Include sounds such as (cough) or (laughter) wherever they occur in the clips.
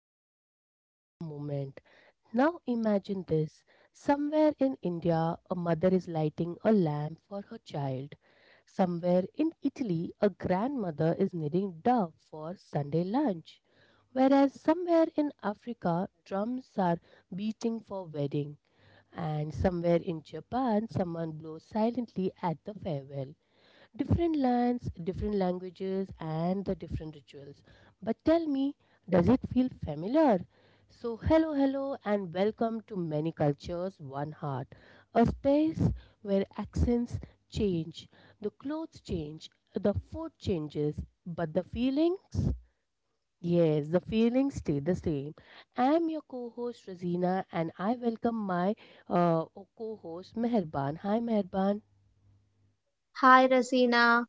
your eyes for a moment. Now imagine this. Somewhere in India, a mother is lighting a lamp for her child. Somewhere in Italy, a grandmother is kneading dough for Sunday lunch. Whereas somewhere in Africa, drums are beating for wedding. And somewhere in Japan, someone blows silently at the farewell. Different lands, different languages, and the different rituals. But tell me, does it feel familiar? So, hello, hello, and welcome to Many Cultures, One Heart, a space where accents change, the clothes change, the food changes, but the feelings? Yes, the feelings stay the same. I'm your co host, Razina, and I welcome my uh, co host, Meherban. Hi, Meherban. Hi, Rasina.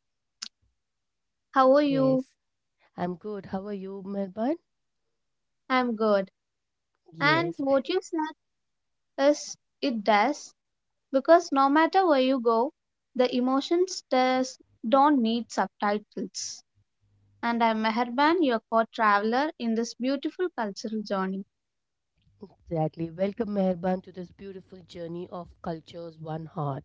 How are you? Yes, I'm good. How are you, Meherban? I'm good. And Yes, what you said is it does because no matter where you go, the emotions does don't need subtitles. And I'm Meherban, your co-traveler in this beautiful cultural journey. exactly. Welcome, Meherban, to this beautiful journey of cultures, one heart.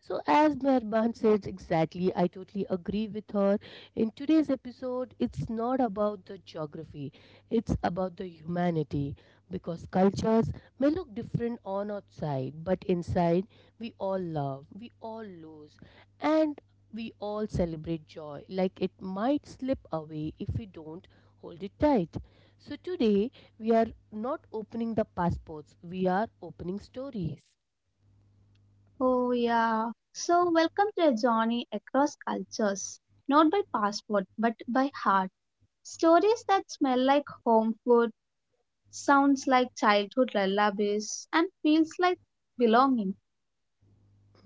So, as Meherban says exactly, I totally agree with her. In today's episode, it's not about the geography, it's about the humanity. Because cultures may look different on outside, but inside, we all love, we all lose, and we all celebrate joy. Like it might slip away if we don't hold it tight. So, today, we are not opening the passports, we are opening stories. Oh yeah. So welcome to a journey across cultures, not by passport but by heart. Stories that smell like home food, sounds like childhood lullabies, and feels like belonging.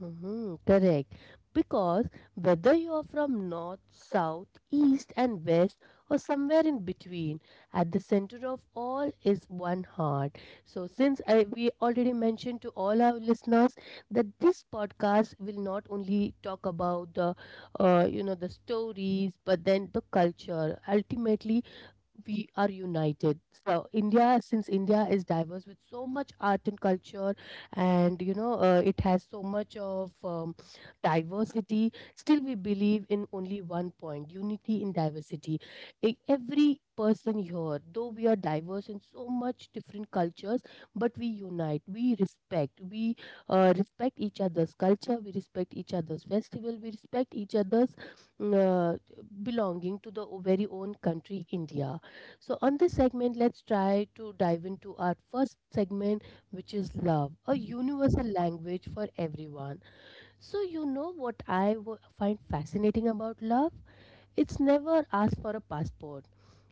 Mhm, correct. Because whether you are from north, south, east, and west, or somewhere in between, at the center of all is one heart. So, since we already mentioned to all our listeners that this podcast will not only talk about the stories, but then the culture. Ultimately, we are united. So India, since India is diverse with so much art and culture, and you know it has so much of diversity, still we believe in only one point: unity in diversity. Every person here, though we are diverse in so much different cultures, but we unite, we respect each other's culture, we respect each other's festival, we respect each other's mm, uh, belonging to the very own country, India. So, on this segment, let's try to dive into our first segment, which is love, a universal language for everyone. So, you know what I find fascinating about love? It's never asked for a passport,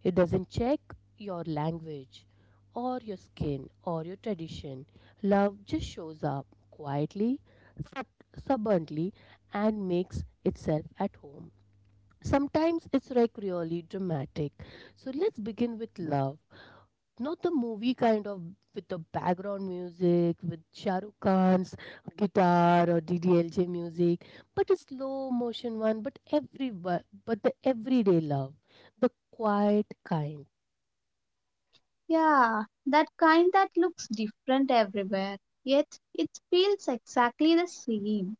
it doesn't check your language or your skin or your tradition. Love just shows up quietly, sub- stubbornly, and makes itself at home. Sometimes it's like really dramatic. So let's begin with love not the movie kind of with the background music with Shah Rukh Khan's guitar or DDLJ music, but a slow motion one. But the everyday love, the quiet kind, Yeah, that kind that looks different everywhere, yet it feels exactly the same.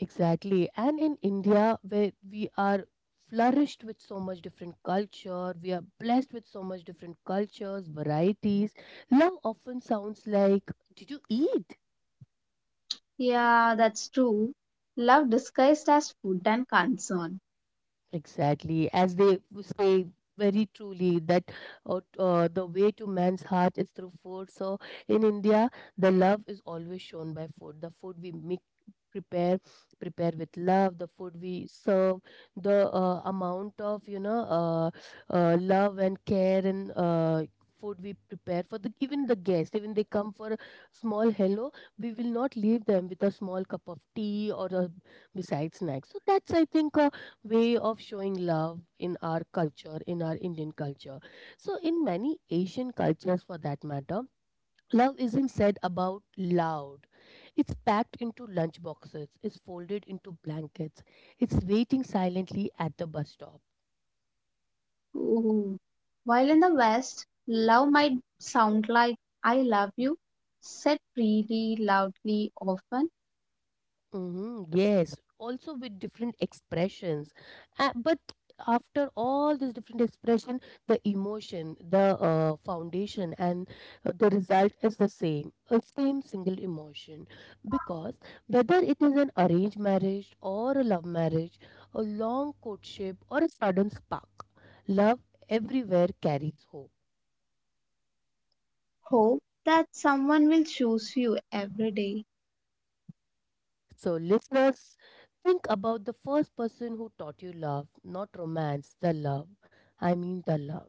exactly. And in India, where we are flourished with so much different culture, we are blessed with so much different cultures, varieties. Love often sounds like, "Did you eat?" Yeah, that's true. Love disguised as food and concern. Exactly, as they say very truly that the way to man's heart is through food. So in India, the love is always shown by food. The food we make, prepare, prepare with love. The food we serve, the amount of love and care and food we prepare for the even the guests. Even they come for a small hello, we will not leave them with a small cup of tea or a besides snacks. So that's I think way of showing love in our culture, in our Indian culture. So, in many Asian cultures for that matter, love isn't said about loud. It's packed into lunch boxes, it's folded into blankets, it's waiting silently at the bus stop. Ooh. While in the West, love might sound like I love you, said freely, loudly, often. Mhm, yes, also with different expressions. But after all this different expression, the emotion, the foundation, and the result is the same, a same single emotion. Because whether it is an arranged marriage or a love marriage, a long courtship or a sudden spark, love everywhere carries hope. Hope that someone will choose you every day. So, listeners, think about the first person who taught you love, not romance, the love. I mean, the love.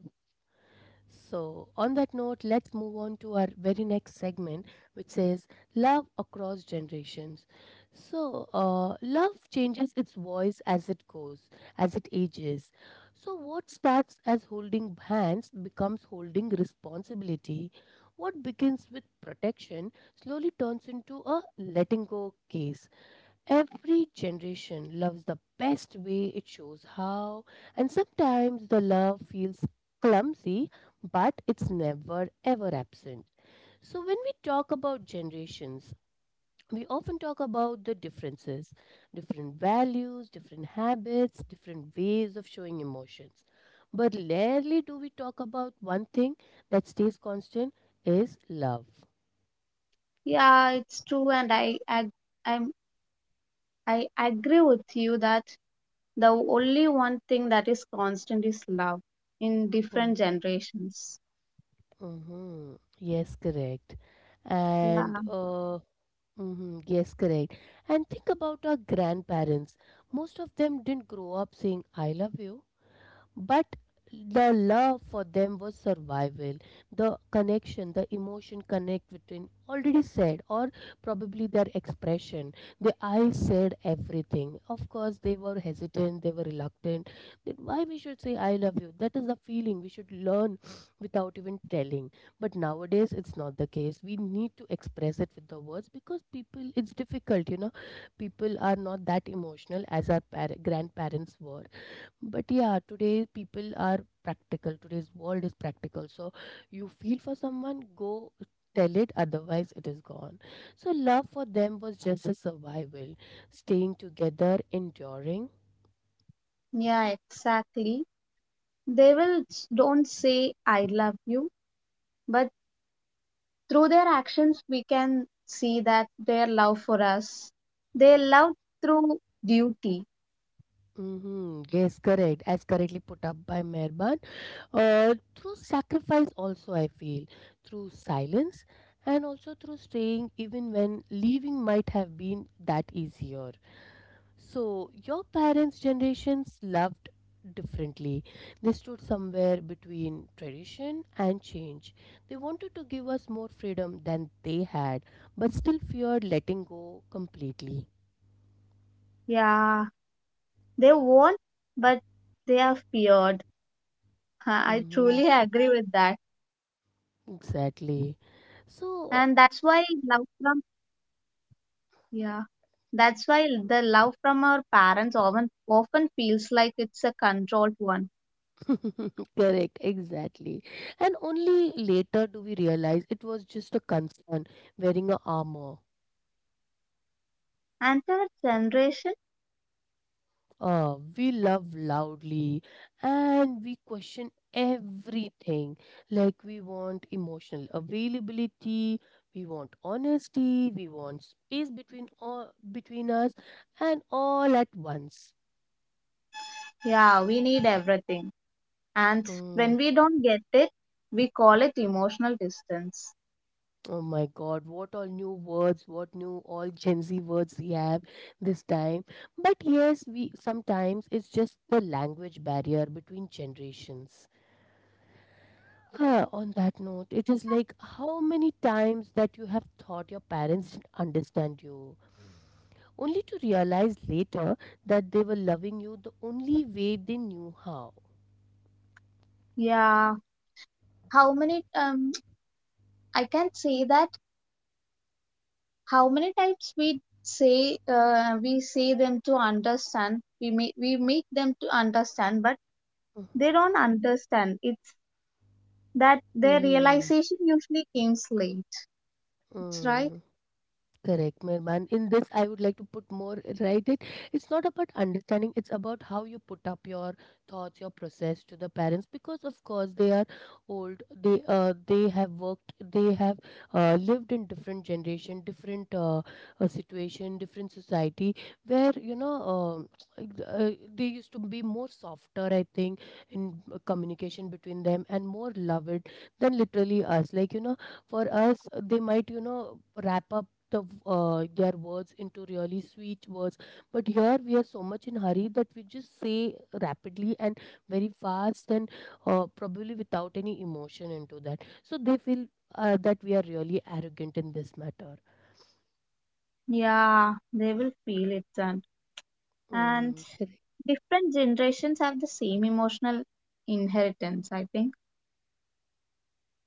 So, on that note, let's move on to our very next segment, which says Love Across Generations. So, love changes its voice as it goes, as it ages. So, what starts as holding hands becomes holding responsibility. What begins with protection slowly turns into a letting go case. Every generation loves the best way it shows how, and sometimes the love feels clumsy, but it's never ever absent. So, when we talk about generations, we often talk about the differences, different values, different habits, different ways of showing emotions. But rarely do we talk about one thing that stays constant is love. Yeah, it's true, and I'm, I agree with you that the only one thing that is constant is love in different generations. Mm-hmm. Yes, correct. Yeah, And Mm-hmm. Yes, correct. And think about our grandparents. Most of them didn't grow up saying, I love you. But the love for them was survival. The connection, the emotion connect between already said, or probably their expression. The I said everything. Of course, they were hesitant, they were reluctant. That why we should say I love you? That is the feeling we should learn without even telling. But nowadays, it's not the case. We need to express it with the words because people, it's difficult, you know. People are not that emotional as our grandparents were but yeah, today people are practical. Today's world is practical. So you feel for someone, go tell it, otherwise it is gone. So love for them was just a survival, staying together, enduring. yeah, exactly. They don't say I love you, but through their actions we can see that their love for us. They love through duty. Hmm, yes, correct. As correctly put up by Mehban. Through sacrifice, also, I feel, through silence, and also through staying, even when leaving might have been that easier. So, your parents' generations loved differently. They stood somewhere between tradition and change. They wanted to give us more freedom than they had, but still feared letting go completely. Yeah, they won't, but they are feared. (laughs) I Hmm. truly agree with that. And Exactly. that's why love So, from yeah. That's why the love from our parents often feels like it's a controlled one. (laughs) correct, exactly. And only later do we realize it was just a concern wearing a armor. And our generation, We love loudly and we question everything. Like, we want emotional availability, we want honesty, we want space between, all, between us, and all at once. yeah, we need everything. And when Mm, we don't get it, we call it emotional distance. oh my god, what all new words, what new all Gen Z words we have this time. But yes, we sometimes it's just the language barrier between generations. Yeah, on that note, it is like how many times that you have thought your parents didn't understand you, only to realize later that they were loving you the only way they knew how. Yeah, how many I can't say that how many times we say them to understand, we make them to understand, but they don't understand. It's That their Mm-hmm. realization usually comes late, it's right. Mm-hmm. Correct, Mirman. In this, I would like to put more, right? It, it's not about understanding, it's about how you put up your thoughts, your process to the parents because, of course, they are old. They have worked, they have lived in different generation, different situation, different society where, you know, they used to be more softer, I think, in communication between them and more loved than literally us. Like, you know, for us, they might, you know, wrap up their words into really sweet words but here we are so much in hurry that we just say rapidly and very fast and probably without any emotion into that so they feel that we are really arrogant in this matter. Yeah, they will feel it then. And Mm, correct, different generations have the same emotional inheritance, I think.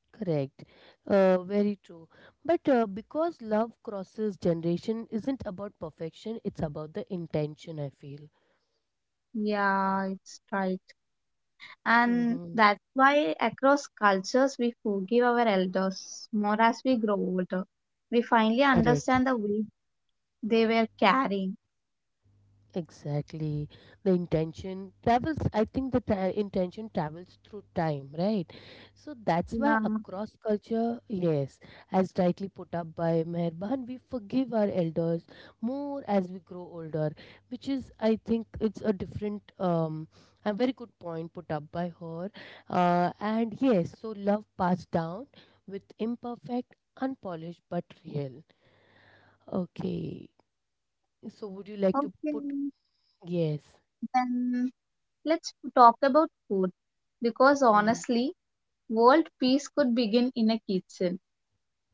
correct. Very true, but because love crosses generation isn't about perfection, it's about the intention I feel. Yeah, it's right. And Mm-hmm. that's why across cultures we forgive our elders more as we grow older. We finally Correct. understand the weight they were carrying. Exactly. The intention travels, I think intention travels through time, right? So that's why Yeah, across culture, yes, as rightly put up by Meherban, we forgive our elders more as we grow older, which is, I think, it's a different, a very good point put up by her. And yes, so love passed down with imperfect, unpolished, but real. Okay. So would you like to okay. put, yes. Then let's talk about food because Mm-hmm. honestly, world peace could begin in a kitchen.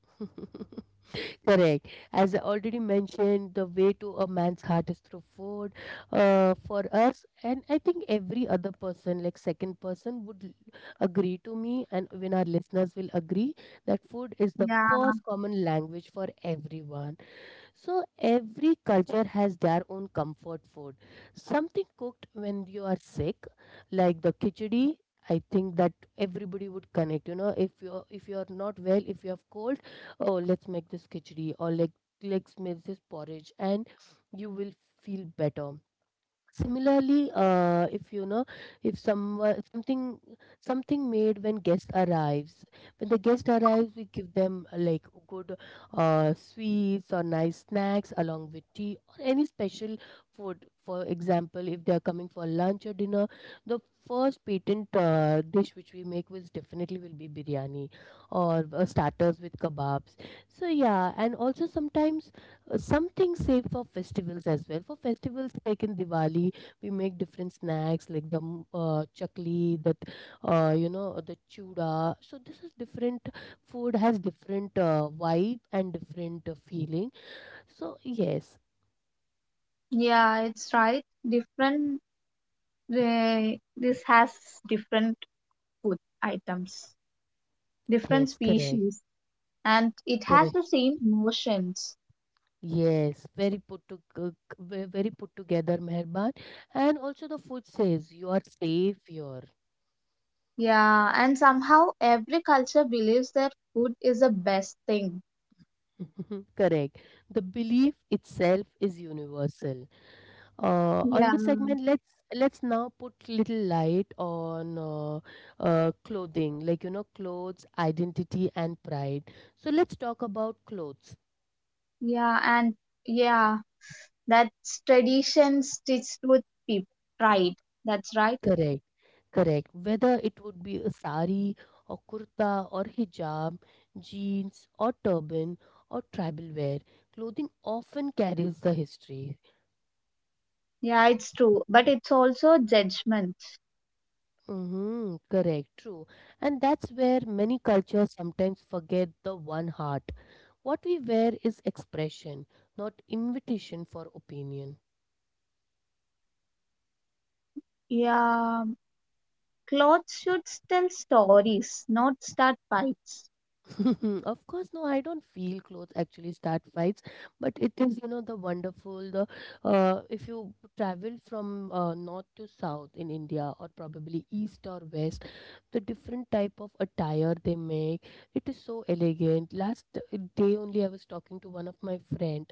(laughs) Correct. As I already mentioned, the way to a man's heart is through food. For us, and I think every other person, like second person, would agree to me, and even our listeners will agree that food is the Yeah, first common language for everyone. So every culture has their own comfort food. Something cooked when you are sick, like the khichdi. I think that everybody would connect. You know, if you're not well, if you have cold, oh, let's make this khichdi or like let's make this porridge, and you will okay. feel better. In our Similarly, Kerala. If you know, if something made when guest arrives, when the guest arrives, we give them like good sweets or nice snacks along with tea or any special food. For example, if they are coming for lunch or dinner, the first patent dish which we make was definitely will be biryani or starters with kebabs. So yeah, and also sometimes something safe for festivals as well. For festivals like in Diwali, we make different snacks like the chakli, that you know the chuda. So this is different food has different vibe and different feeling. So yes, Yeah, it's right. Different, uh, this has different food items, different yes, correct, species, and it has correct. the same emotions. Yes, very put to c- ve- very put together, Meherban, and also the food says you are safe. You're Yeah, and somehow every culture believes that food is the best thing. (laughs) correct. The belief itself is universal. On Yeah, this segment, let's now put little light on clothing, like you know, clothes, identity, and pride. So let's talk about clothes. yeah, and yeah, that's tradition stitched with people. Pride. That's right. Correct, correct. Whether it would be a sari or kurta or hijab, jeans or turban or tribal wear, clothing often carries the history. Yeah, it's true. But it's also judgment. Mm-hmm, correct, true. And that's where many cultures sometimes forget the one heart. What we wear is expression, not invitation for opinion. Yeah. Clothes should tell stories, not start fights. (laughs) of course, no, I don't feel clothes actually start fights, but it is, you know, the wonderful, the if you travel from north to south in India or probably east or west, the different type of attire they make, it is so elegant. Last day only I was talking to one of my friend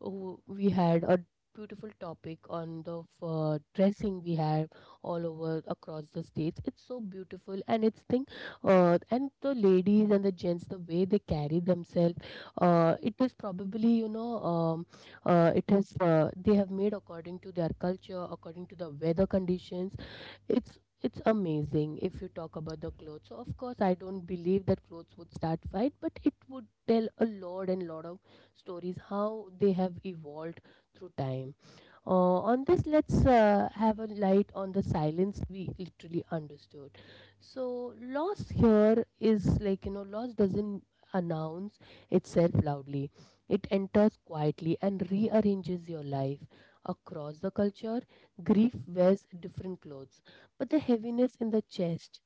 we had a beautiful topic on the dressing we have all over across the states, it's so beautiful and it's thing and the ladies and the gents, the way they carry themselves, it is probably, you know, it is they have made according to their culture, according to the weather conditions. it's it's amazing if you talk about the clothes. So of course, I don't believe that clothes would start fight, but it would tell a lot and lot of stories how they have evolved through time. On this, let's have a light on the silence we literally understood. So, loss here is like, you know, loss doesn't announce itself loudly, it enters quietly and rearranges your life. Across the culture, grief wears different clothes, but the heaviness in the chest,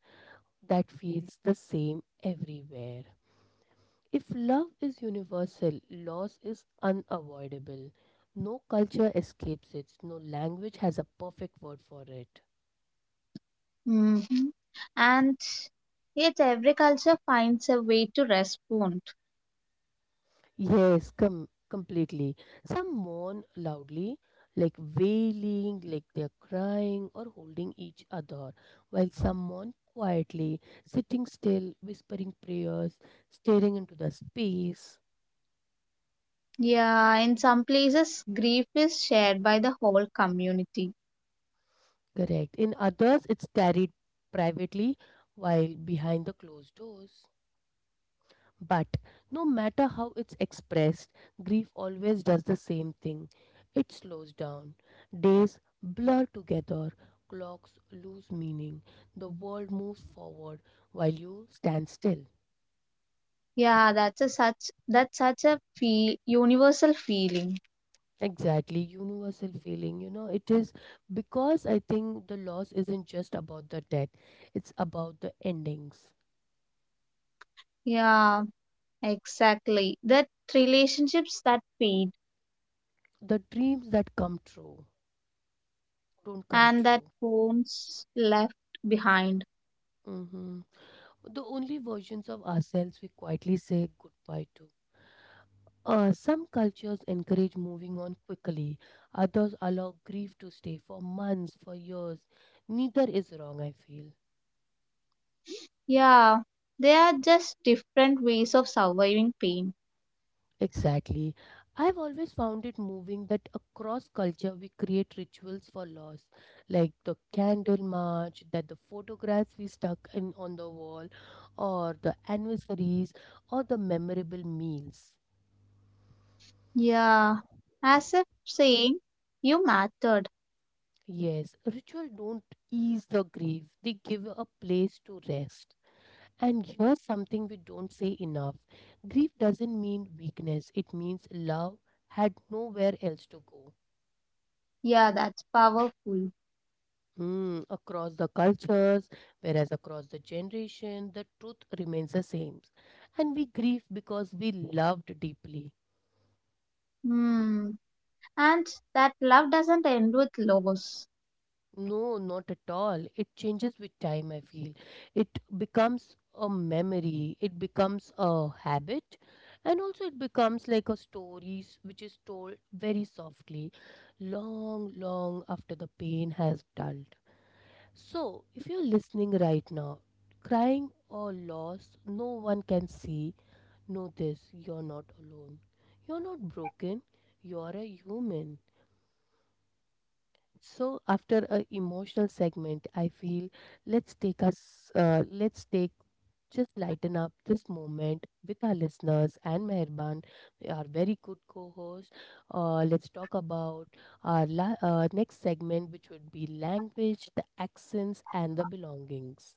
that feels the same everywhere. If love is universal, loss is unavoidable. No culture escapes it, no language has a perfect word for it. Mm-hmm. And yet, every culture finds a way to respond. Yes, completely. Some mourn loudly, like wailing, like they're crying or holding each other, while some mourn quietly, sitting still, whispering prayers, staring into the space. Yeah, in some places, grief is shared by the whole community. Correct. In others, it's carried privately while behind the closed doors. But no matter how it's expressed, grief always does the same thing. It slows down. Days blur together. Clocks lose meaning. The world moves forward while you stand still. Yeah, that's such a feel universal feeling. Exactly, universal feeling. You know, it is because I think the loss isn't just about the death, it's about the endings. Yeah, exactly. That relationships that fade The dreams that come true don't come and that true. wounds left behind. Hmm. The only versions of ourselves we quietly say goodbye to. Some cultures encourage moving on quickly, others allow grief to stay for months, for years. Neither is wrong, I feel. Yeah, they are just different ways of surviving pain. Exactly. I've always found it moving that across culture we create rituals for loss, like the candle march, that the photographs we stuck in on the wall, or the anniversaries, or the memorable meals. Yeah, as if saying you mattered. Yes, ritual don't ease the grief, they give a place to rest. And here's something we don't say enough, grief doesn't mean weakness, it means love had nowhere else to go. Yeah, that's powerful. Hmm, across the cultures, whereas across the generation, the truth remains the same. And we grieve because we loved deeply. Hmm. And that love doesn't end with loss. No, not at all. It changes with time, I feel. It becomes a memory, it becomes a habit, and also it becomes like a story which is told very softly, long, long after the pain has dulled. So, if you're listening right now, crying or loss, no one can see, know this, you're not alone. You're not broken, you're a human. So after a emotional segment, I feel let's take just lighten up this moment with our listeners and Meherban, our very good co-host. Let's talk about our next segment, which would be language, the accents, and the belongings.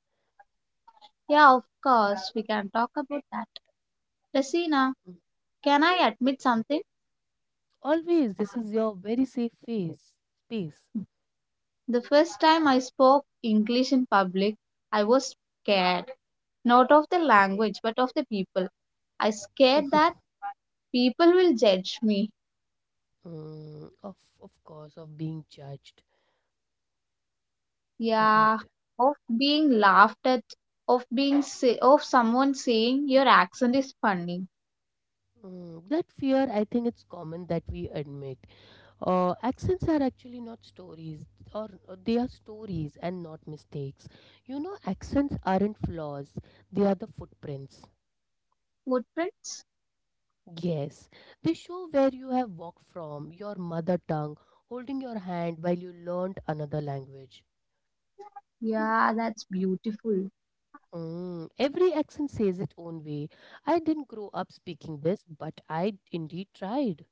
Yeah, of course, we can talk about that. Rasina, Mm. can I admit something? Always, this is your very safe face space. The first time I spoke English in public, I was scared. Not of the language, but of the people. I scared that (laughs) people will judge me. Mm, of course, of being judged. Yeah, Correct. of being laughed at, of someone saying your accent is funny. Mm, that fear, I think it's common that we admit. Accents are actually not stories, or they are stories and not mistakes. You know, accents aren't flaws, they are the footprints. Footprints? Yes, they show where you have walked from, your mother tongue, holding your hand while you learned another language. Yeah, that's beautiful. Mm, every accent says its own way. I didn't grow up speaking this, but I indeed tried.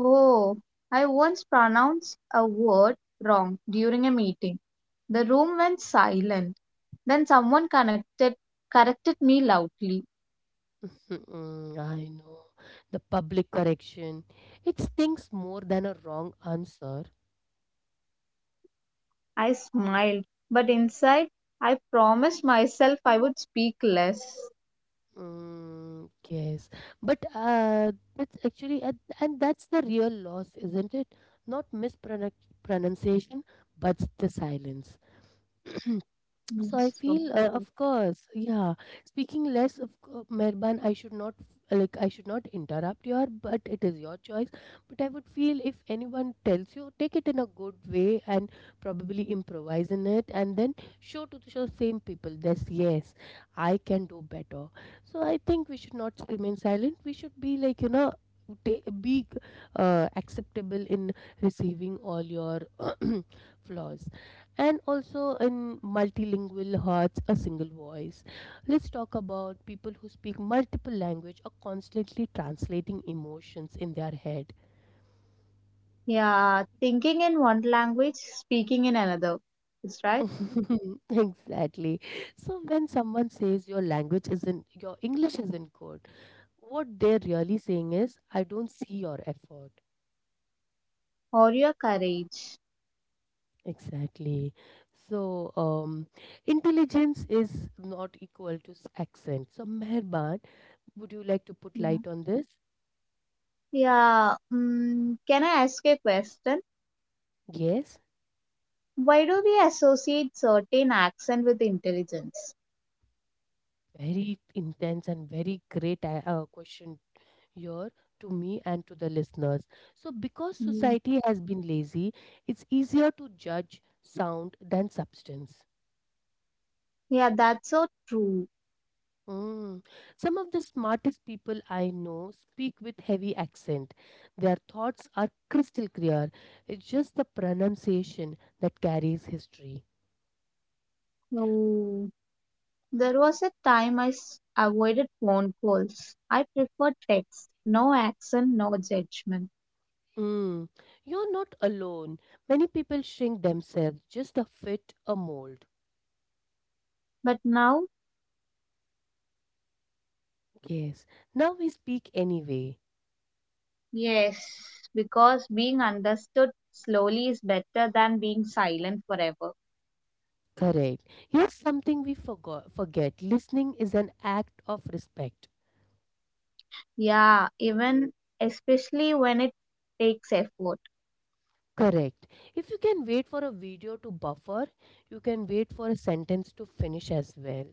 Oh, I once pronounced a word wrong during a meeting. The room went silent. Then corrected me loudly. Mm, I know. The public correction. It stings more than a wrong answer. I smiled, but inside I promised myself I would speak less. Mm, yes. But that's actually, and that's the real loss, isn't it? Not mispronunciation, but the silence. (clears throat) Mm, So I so feel, cool. of course, yeah. Speaking less of Mehban, I should not like I should not interrupt your, but it is your choice. But I would feel if anyone tells you, take it in a good way and probably improvise in it, and then show to the show same people this. Yes, I can do better. So I think we should not remain silent. We should be like, you know, ta- be acceptable in receiving all your (clears throat) flaws, and also in multilingual hearts a single voice. Let's talk about people who speak multiple language are constantly translating emotions in their head. Yeah, thinking in one language, speaking in another. It's right. (laughs) Exactly. So when someone says your language isn't your english isn't good, what they're really saying is, I don't see your effort. Or your courage. Exactly. So intelligence is not equal to accent. So Meherban, would you like to put Yeah. light on this? Yeah. Mm, can I ask a question? Yes, Why do we associate certain accent with intelligence? very intense and very great question here to me and to the listeners. So, because Yeah. society has been lazy, it's easier to judge sound than substance. Yeah, that's so true. Mm. Some of the smartest people I know speak with heavy accent. Their thoughts are crystal clear. It's just the pronunciation that carries history. Oh. There was a time avoided phone calls. I prefer text. No accent, no judgment. Mm. You're not alone. Many people shrink themselves just to fit a mold. But now, Yes. Now we speak anyway. yes, because being understood slowly is better than being silent forever. Correct. Here's something we forgot forget. Listening is an act of respect. Yeah, even especially when it takes effort. Correct. If you can wait for a video to buffer, you can wait for a sentence to finish as well.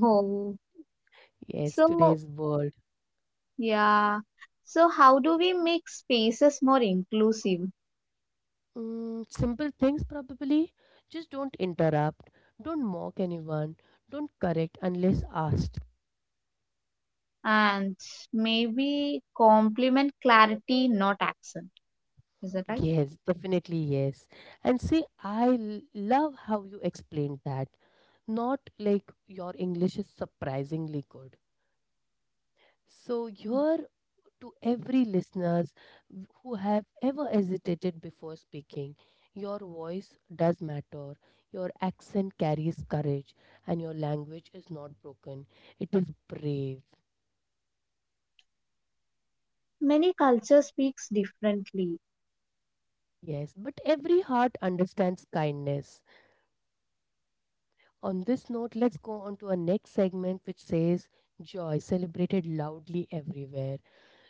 Oh, Yes, so today's world. yeah. So, how do we make spaces more inclusive, Mm, simple things probably. Just don't interrupt. Don't mock anyone. Don't correct unless asked. and maybe complement clarity, not accent? Is that right? Yes, definitely yes. And see, love how you explained that. Not like your English is surprisingly good. So here to every listeners who have ever hesitated before speaking, your voice does matter. Your accent carries courage and your language is not broken. It is brave. Many cultures speaks differently. Yes, but every heart understands kindness. On this note, let's go on to our next segment, which says joy celebrated loudly everywhere.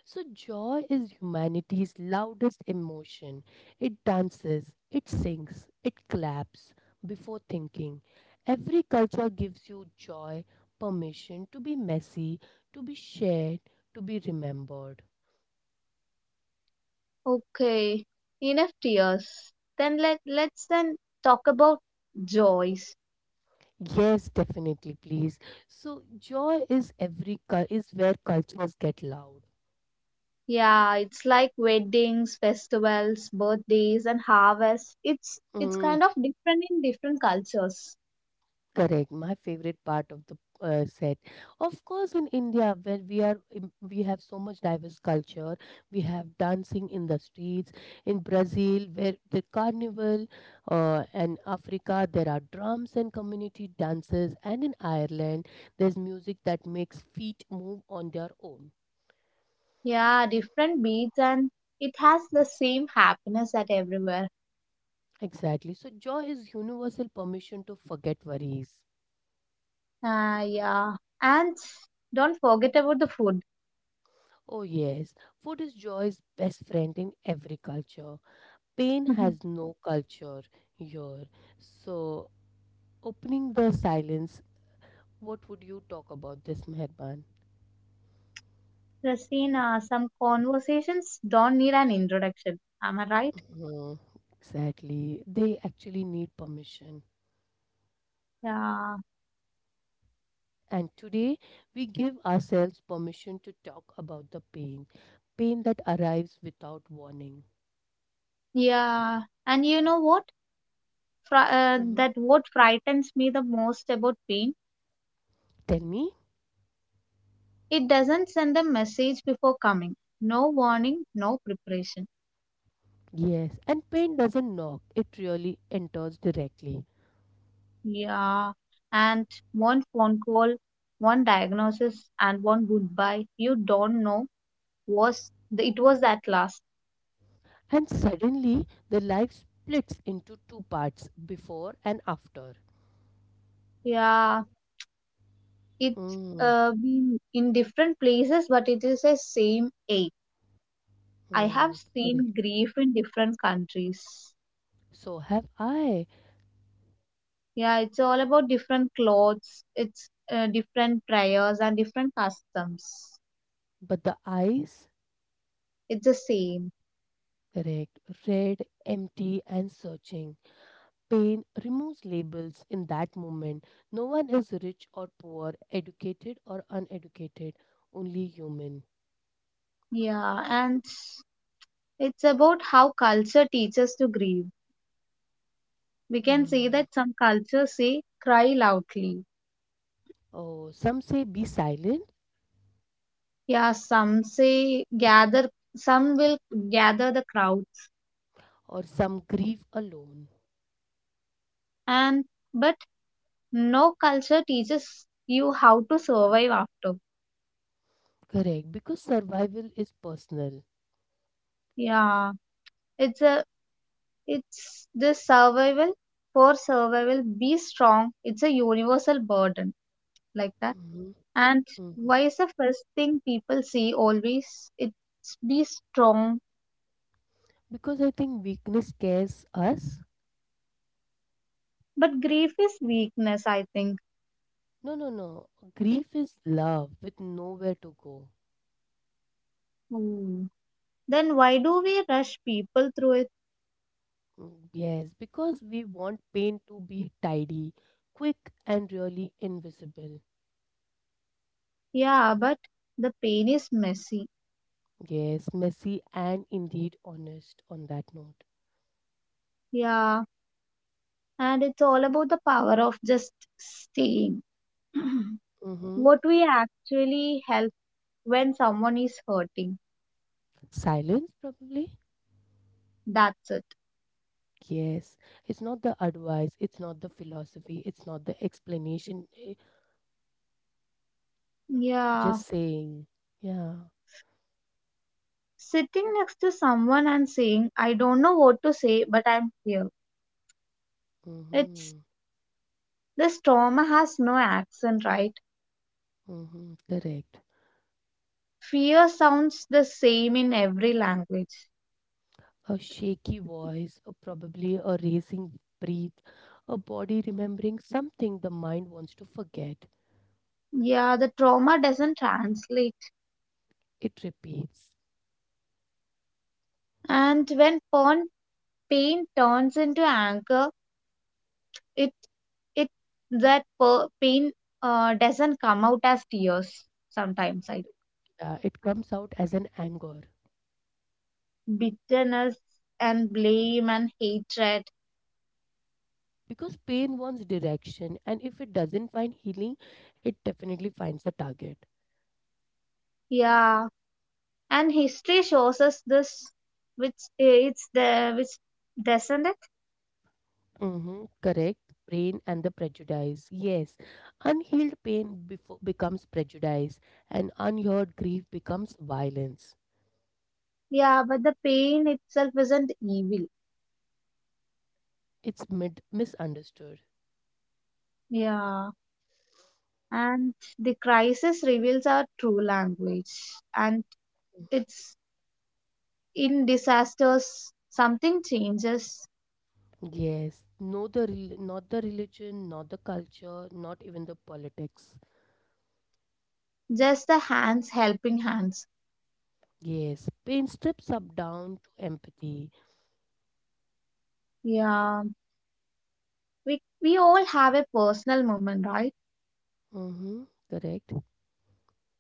So, joy is humanity's loudest emotion. It dances, it sings, it claps before thinking. Every culture gives you joy, permission to be messy, to be shared, to be remembered. Okay, enough tears. Then let's then talk about joys. Yes, definitely, please. So, joy is every cul- is where cultures get loud. Yeah, it's like weddings, festivals, birthdays, and harvests. It's Mm, kind of different in different cultures. correct. My favorite part of the set, of course, in India, where we are, we have so much diverse culture. We have dancing in the streets. In Brazil, where the carnival, and Africa, there are drums and community dances. And in Ireland, there's music that makes feet move on their own. Yeah, different beats, and it has the same happiness at everywhere. Exactly. So joy is universal permission to forget worries. Ah, yeah, and don't forget about the food. Oh yes, food is joy's best friend in every culture. Pain has (laughs) no culture here. So, opening the silence, what would you talk about this, Meherban? Christina, some conversations don't need an introduction. Am I right? Mhm, exactly. They actually need permission. Yeah, And today, we give ourselves permission to talk about the pain, pain that arrives without warning. yeah. And you know what? Mhm. That what frightens me the most about pain, Tell me? it doesn't send a message before coming. No warning, no preparation. Yes. And pain doesn't knock, it really enters directly. Yeah, and one phone call, one diagnosis, and one goodbye. You don't know it was that last. And suddenly, the life splits into two parts, before and after. Yeah, it's Mm. Been in different places, but it is the same ache. I have Mm, seen correct. grief in different countries. So have I. Yeah, it's all about different clothes. It's Different prayers and different customs. But the eyes, It's the same. correct, red, empty, and searching. Pain removes labels in that moment. No one is rich or poor, educated or uneducated, only human. Yeah, and it's about how culture teaches to grieve. We can say Mm. that some cultures say cry loudly. Oh, some say be silent, Yeah, some say gather, some will gather the crowds. or some grieve alone. And but no culture teaches you how to survive after. Correct, because survival is personal. Yeah, it's a it's this survival for survival. Be strong. It's a universal burden like that. Mhm, And mhm. why is the first thing people see always? It's be strong. Because I think weakness scares us. But grief is weakness, I think. No, no, no. Grief is love with nowhere to go. Hmm. Then why do we rush people through it? Mm, yes, because we want pain to be tidy, quick, and really invisible. Yeah, but the pain is messy. Yes, messy and indeed honest on that note. Yeah, and it's all about the power of just staying. (clears throat) Mm-hmm. What we actually help when someone is hurting. Silence, probably. That's it. Yes, it's not the advice, it's not the philosophy, it's not the explanation, eh, Yeah. just saying. Yeah. Sitting next to someone and saying, I don't know what to say, but I'm here. It's Mm-hmm. The trauma has no accent, right? Mm-hmm. Correct. Fear sounds the same in every language. A shaky voice, or probably a racing breath, a body remembering something the mind wants to forget. Yeah, the trauma doesn't translate. It repeats. And pain turns into anger, it it pain doesn't come out as tears. Sometimes, I Yeah, it comes out as an anger bitterness and blame and hatred. because pain wants direction, and if it doesn't find healing, it definitely finds the target. Yeah, and history shows us this, which it's the which doesn't it? Mm-hmm, correct. Pain and the prejudice. Yes, unhealed becomes prejudice, and unheard grief becomes violence. Yeah, but the pain itself isn't evil. It's misunderstood. Yeah. And the crisis reveals our true language. And it's in disasters, something changes. Yes, no the not the religion, not the culture, not even the politics. Just the hands helping hands. Yes, pain strips up down to empathy. Yeah. We all have a personal moment, right? Mm-hmm, correct.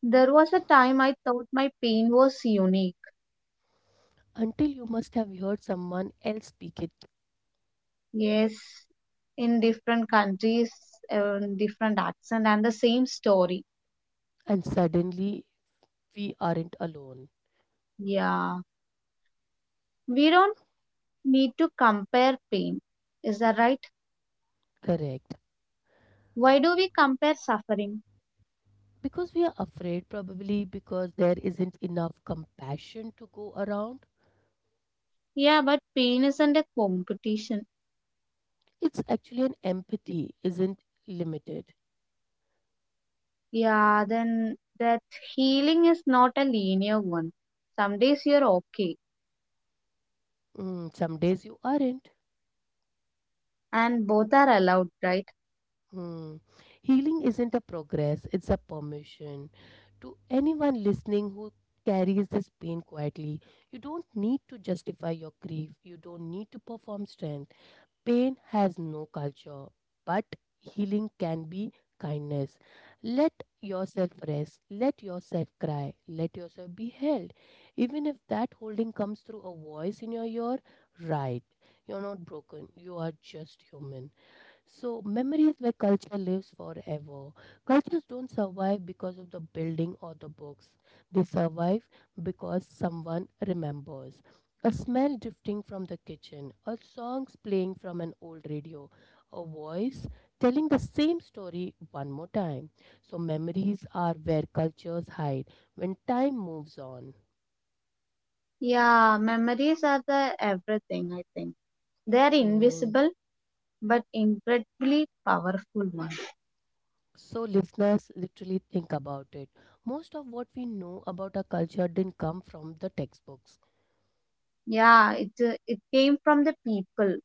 There was a time I thought my pain was unique. Until you must have heard someone else speak it, Yes. In different countries, different accent, and the same story. and suddenly we aren't alone. Yeah, we don't need to compare pain. Is that right? Correct. Why do we compare suffering? Because we are afraid, probably because there isn't enough compassion to go around. Yeah, but pain isn't a competition. It's actually an empathy, isn't limited. Yeah, then that healing is not a linear one. Some days you're okay, Mm, some days you aren't. and both are allowed, right? Hmm. Healing isn't a progress, it's a permission. To anyone listening who carries this pain quietly, you don't need to justify your grief, you don't need to perform strength. Pain has no culture, but healing can be kindness. Let yourself rest, let yourself cry, let yourself be held. Even if that holding comes through a voice in your ear, right, you're not broken, you are just human. So, memories where culture lives forever. Cultures don't survive because of the building or the books, they survive because someone remembers. A smell drifting from the kitchen, a song playing from an old radio, a voice telling the same story one more time. So, memories are where cultures hide when time moves on. Yeah, memories are the everything, I think. They are Mm-hmm. invisible but incredibly powerful ones. So, listeners, literally think about it. Most of what we know about our culture didn't come from the textbooks. Yeah, it came from the people.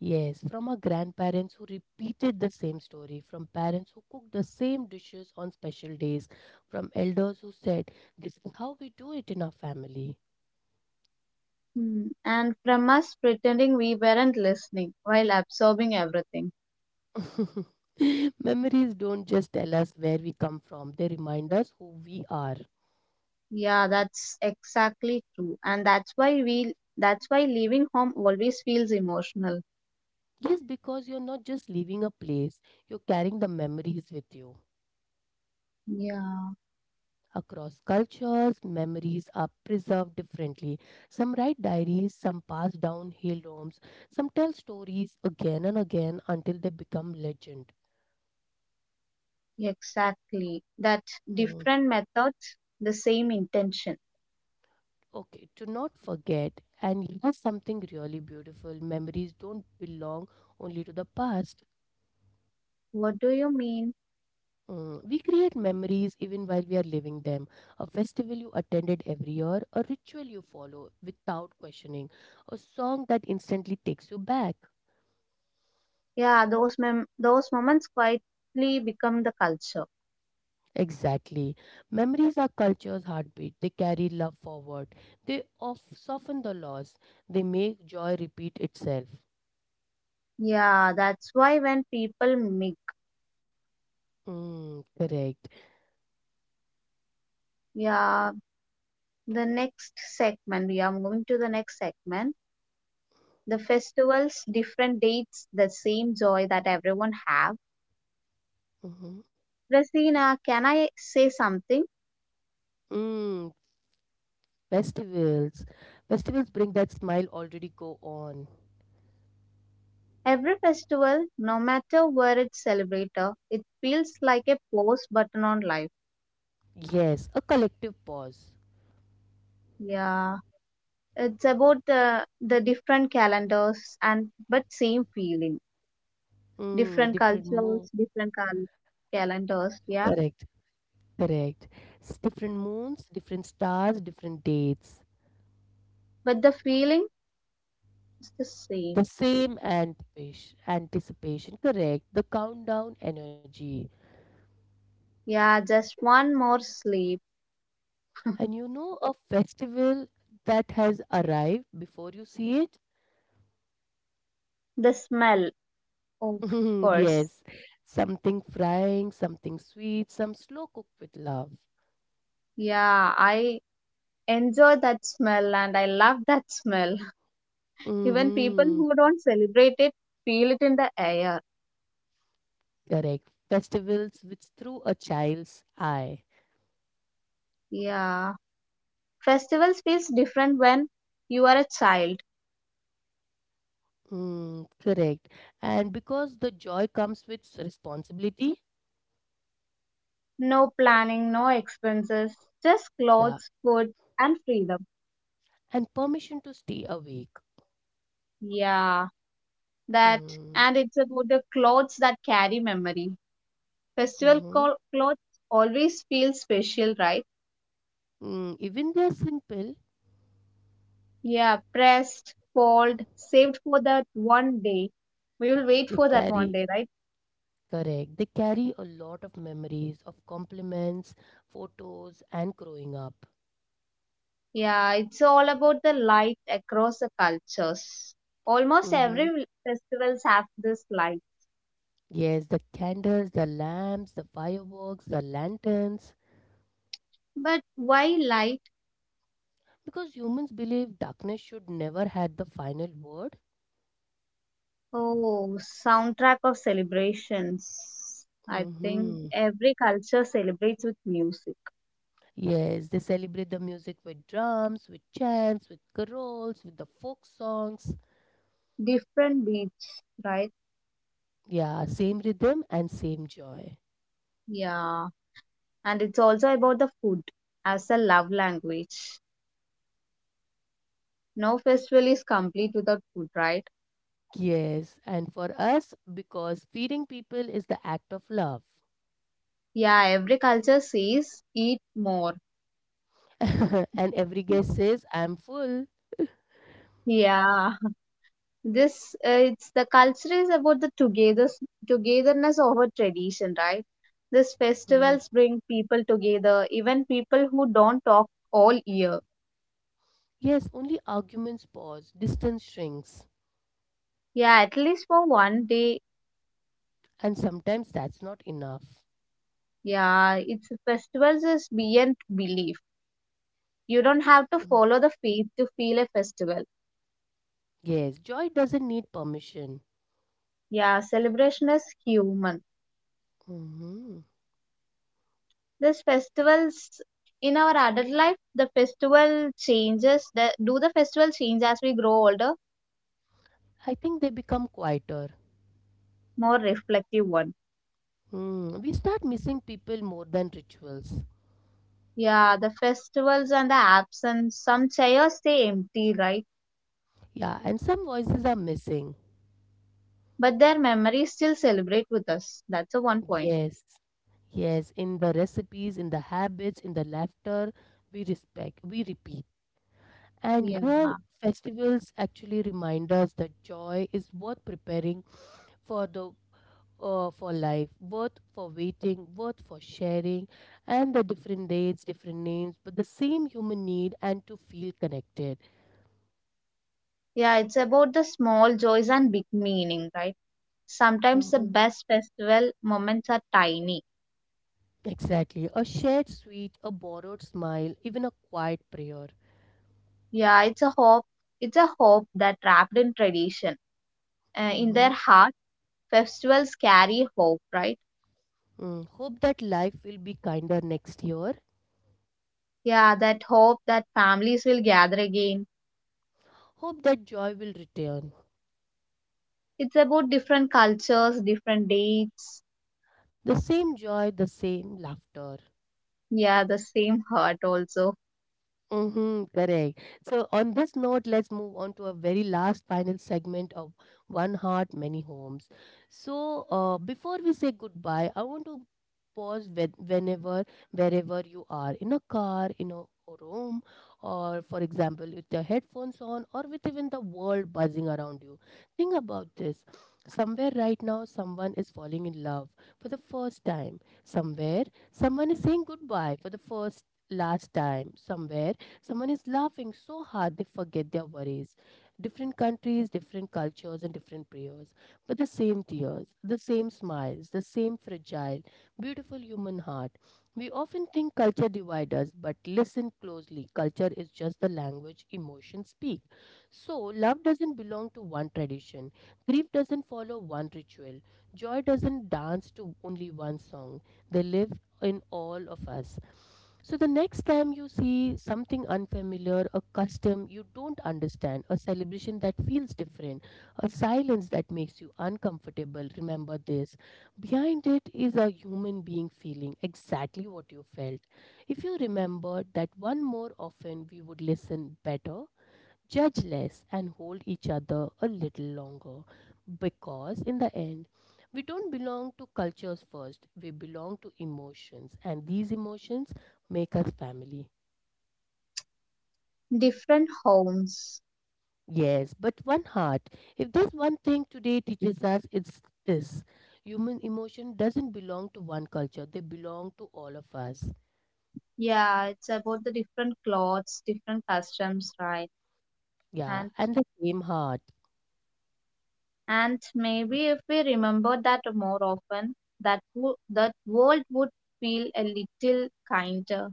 Yes, from our grandparents who repeated the same story, from parents who cooked the same dishes on special days, from elders who said, this is how we do it in our family. Hmm. And from us pretending we weren't listening while absorbing everything. (laughs) Memories don't just tell us where we come from, they remind us who we are. Yeah, that's exactly true. And that's why leaving home always feels emotional. Yes, because you're not just leaving a place, you're carrying the memories with you. Yeah, Across cultures, memories are preserved differently. Some write diaries, some pass down hill homes, some tell stories again and again until they become legend. exactly. That Mm. different methods, the same intention. Okay, to not forget, and here's something really beautiful, memories don't belong only to the past. What do you mean? Mm, we create memories even while we are living them. A festival you attended every year, a ritual you follow without questioning, a song that instantly takes you back. Yeah, those moments quietly become the culture. Exactly. Memories are culture's heartbeat. They carry love forward. They of soften the loss. They make joy repeat itself. Yeah, that's why when people make Mm, correct. yeah, the next segment, we are moving to the next segment. The festivals, different dates, the same joy that everyone have. Mm-hmm. Rasina, can I say something? Mm, festivals. Festivals bring that smile already go on. Every festival, no matter where it's celebrated, it feels like a pause button on life. Yes, a collective pause. Yeah, it's about the different calendars and but same feeling. Mm, Different different cultures, mood. Calendars. Yeah, Correct. Correct. S- Different moons, different stars, different dates. but the feeling is the The same. same anticipation. Anticipation. Correct. The countdown energy. Yeah, just one more sleep. And you know a festival that has arrived before you see it? The smell, of (laughs) course. Yes. Something frying, something sweet, some slow cooked with love. Yeah, I enjoy that smell and I love that smell. Even people Mm-hmm. who don't celebrate it feel it in the air. Correct. Festivals which through a child's eye. Yeah. Festivals feels different when you are a child. Mm, correct. And because the joy comes with s- responsibility, No planning, no expenses, just yeah, clothes, food, and freedom. and permission to stay awake. Yeah, that, Mm, and it's about the clothes that carry memory. Mhm. Clothes always feel special, right? Mm, even they are simple, Yeah, pressed, fold, saved for that one day. We will wait they for that one carry day, right? correct. They carry a lot of memories of compliments, photos, and growing up. Yeah, it's all about the light across the cultures. Almost Hmm. every festivals have this light. Yes, the candles, the lamps, the fireworks, the lanterns. But why light? Because humans believe darkness should never had the final word. Oh, soundtrack of celebrations. I think Hmm. every culture celebrates with music. Yes, they celebrate the music with drums, with chants, with carols, with the folk songs. Different beats, right? Yeah, same rhythm and same joy. Yeah. And it's also about the food as a love language. No festival is complete without food, right? Yes, and for us, because feeding people is the act of love. Yeah, every culture says eat more. (laughs) And every guest says, I'm full. Yeah. this It's the culture is about the togetherness over tradition, right? These Mhm. festivals bring people together, even people who don't talk all year, Yes, only arguments pause, distance shrinks, yeah, at least for one day. and sometimes that's not enough. Yeah, it's festivals is beyond belief. You don't have to Mhm. follow the faith to feel a festival. Yes, joy doesn't need permission. Yeah, celebration is human. Hmm. These festivals in our adult life, the festival changes, the festival change as we grow older, I think they become quieter. more reflective one. Mm, we start missing people more than rituals. Yeah, the festivals and the absence. Some chairs stay empty, right? Yeah, and some voices are missing. But their memories still celebrate with us. That's the one point. Yes, yes, in the recipes, in the habits, in the laughter, we respect, we repeat. And Yeah. here, festivals actually remind us that joy is worth preparing for the for life, worth for waiting, worth for sharing, and the different dates, different names, but the same human need and to feel connected. Yeah, it's about the small joys and big meaning, right? Sometimes the Hmm. best festival moments are tiny. Exactly, a shared sweet, a borrowed smile, even a quiet prayer. Yeah, it's a hope. It's a hope that wrapped in tradition. In their heart, festivals carry hope, right? Mm, hope that life will be kinder next year. Yeah, that hope that families will gather again. Hope that joy will return. It's about different cultures, different dates. The same joy, the same laughter. Yeah, the same heart also. Mm-hmm, correct. So, on this note, let's move on to a very last final segment of One Heart, Many Homes. So, before we say goodbye, I want to pause whenever, wherever you are, in a car, in a room, or for example, with your headphones on, or with even the world buzzing around you. Think about this. Somewhere right now, someone is falling in love for the first time. Somewhere, someone is saying goodbye for the first last time. Somewhere someone is laughing so hard they forget their worries. Different countries, different cultures, and different prayers, but the same tears, the same smiles, the same fragile, beautiful human heart. We often think culture divides us, but listen closely. Culture is just the language emotions speak. So, love doesn't belong to one tradition. Grief doesn't follow one ritual. Joy doesn't dance to only one song. They live in all of us. So the next time you see something unfamiliar, a custom you don't understand, a celebration that feels different, a silence that makes you uncomfortable, remember this. Behind it is a human being feeling exactly what you felt. If you remember that one more often, we would listen better, judge less, and hold each other a little longer, because in the end we don't belong to cultures first, we belong to emotions, and these emotions make us family. Different homes. Yes, but one heart. If there's one thing today teaches us, it's this. Human emotion doesn't belong to one culture, they belong to all of us. Yeah, it's about the different clothes, different customs, right? Yeah, And and the same heart. and maybe if we remember that more often, that that world would feel a little kinder.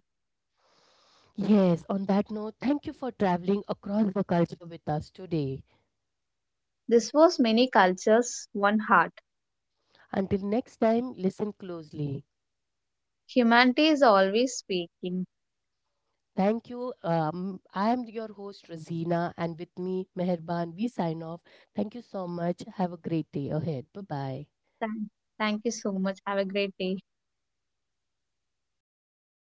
Yes, on that note, thank you for traveling across the culture with us today. This was Many Cultures, One Heart. Until next time, listen closely. Humanity is always speaking. Thank you. I am your host, Rosina, and with me, Meherban, we sign off. Thank you so much. Have a great day ahead. Bye bye. Thank, Thank you so much. Have a great day.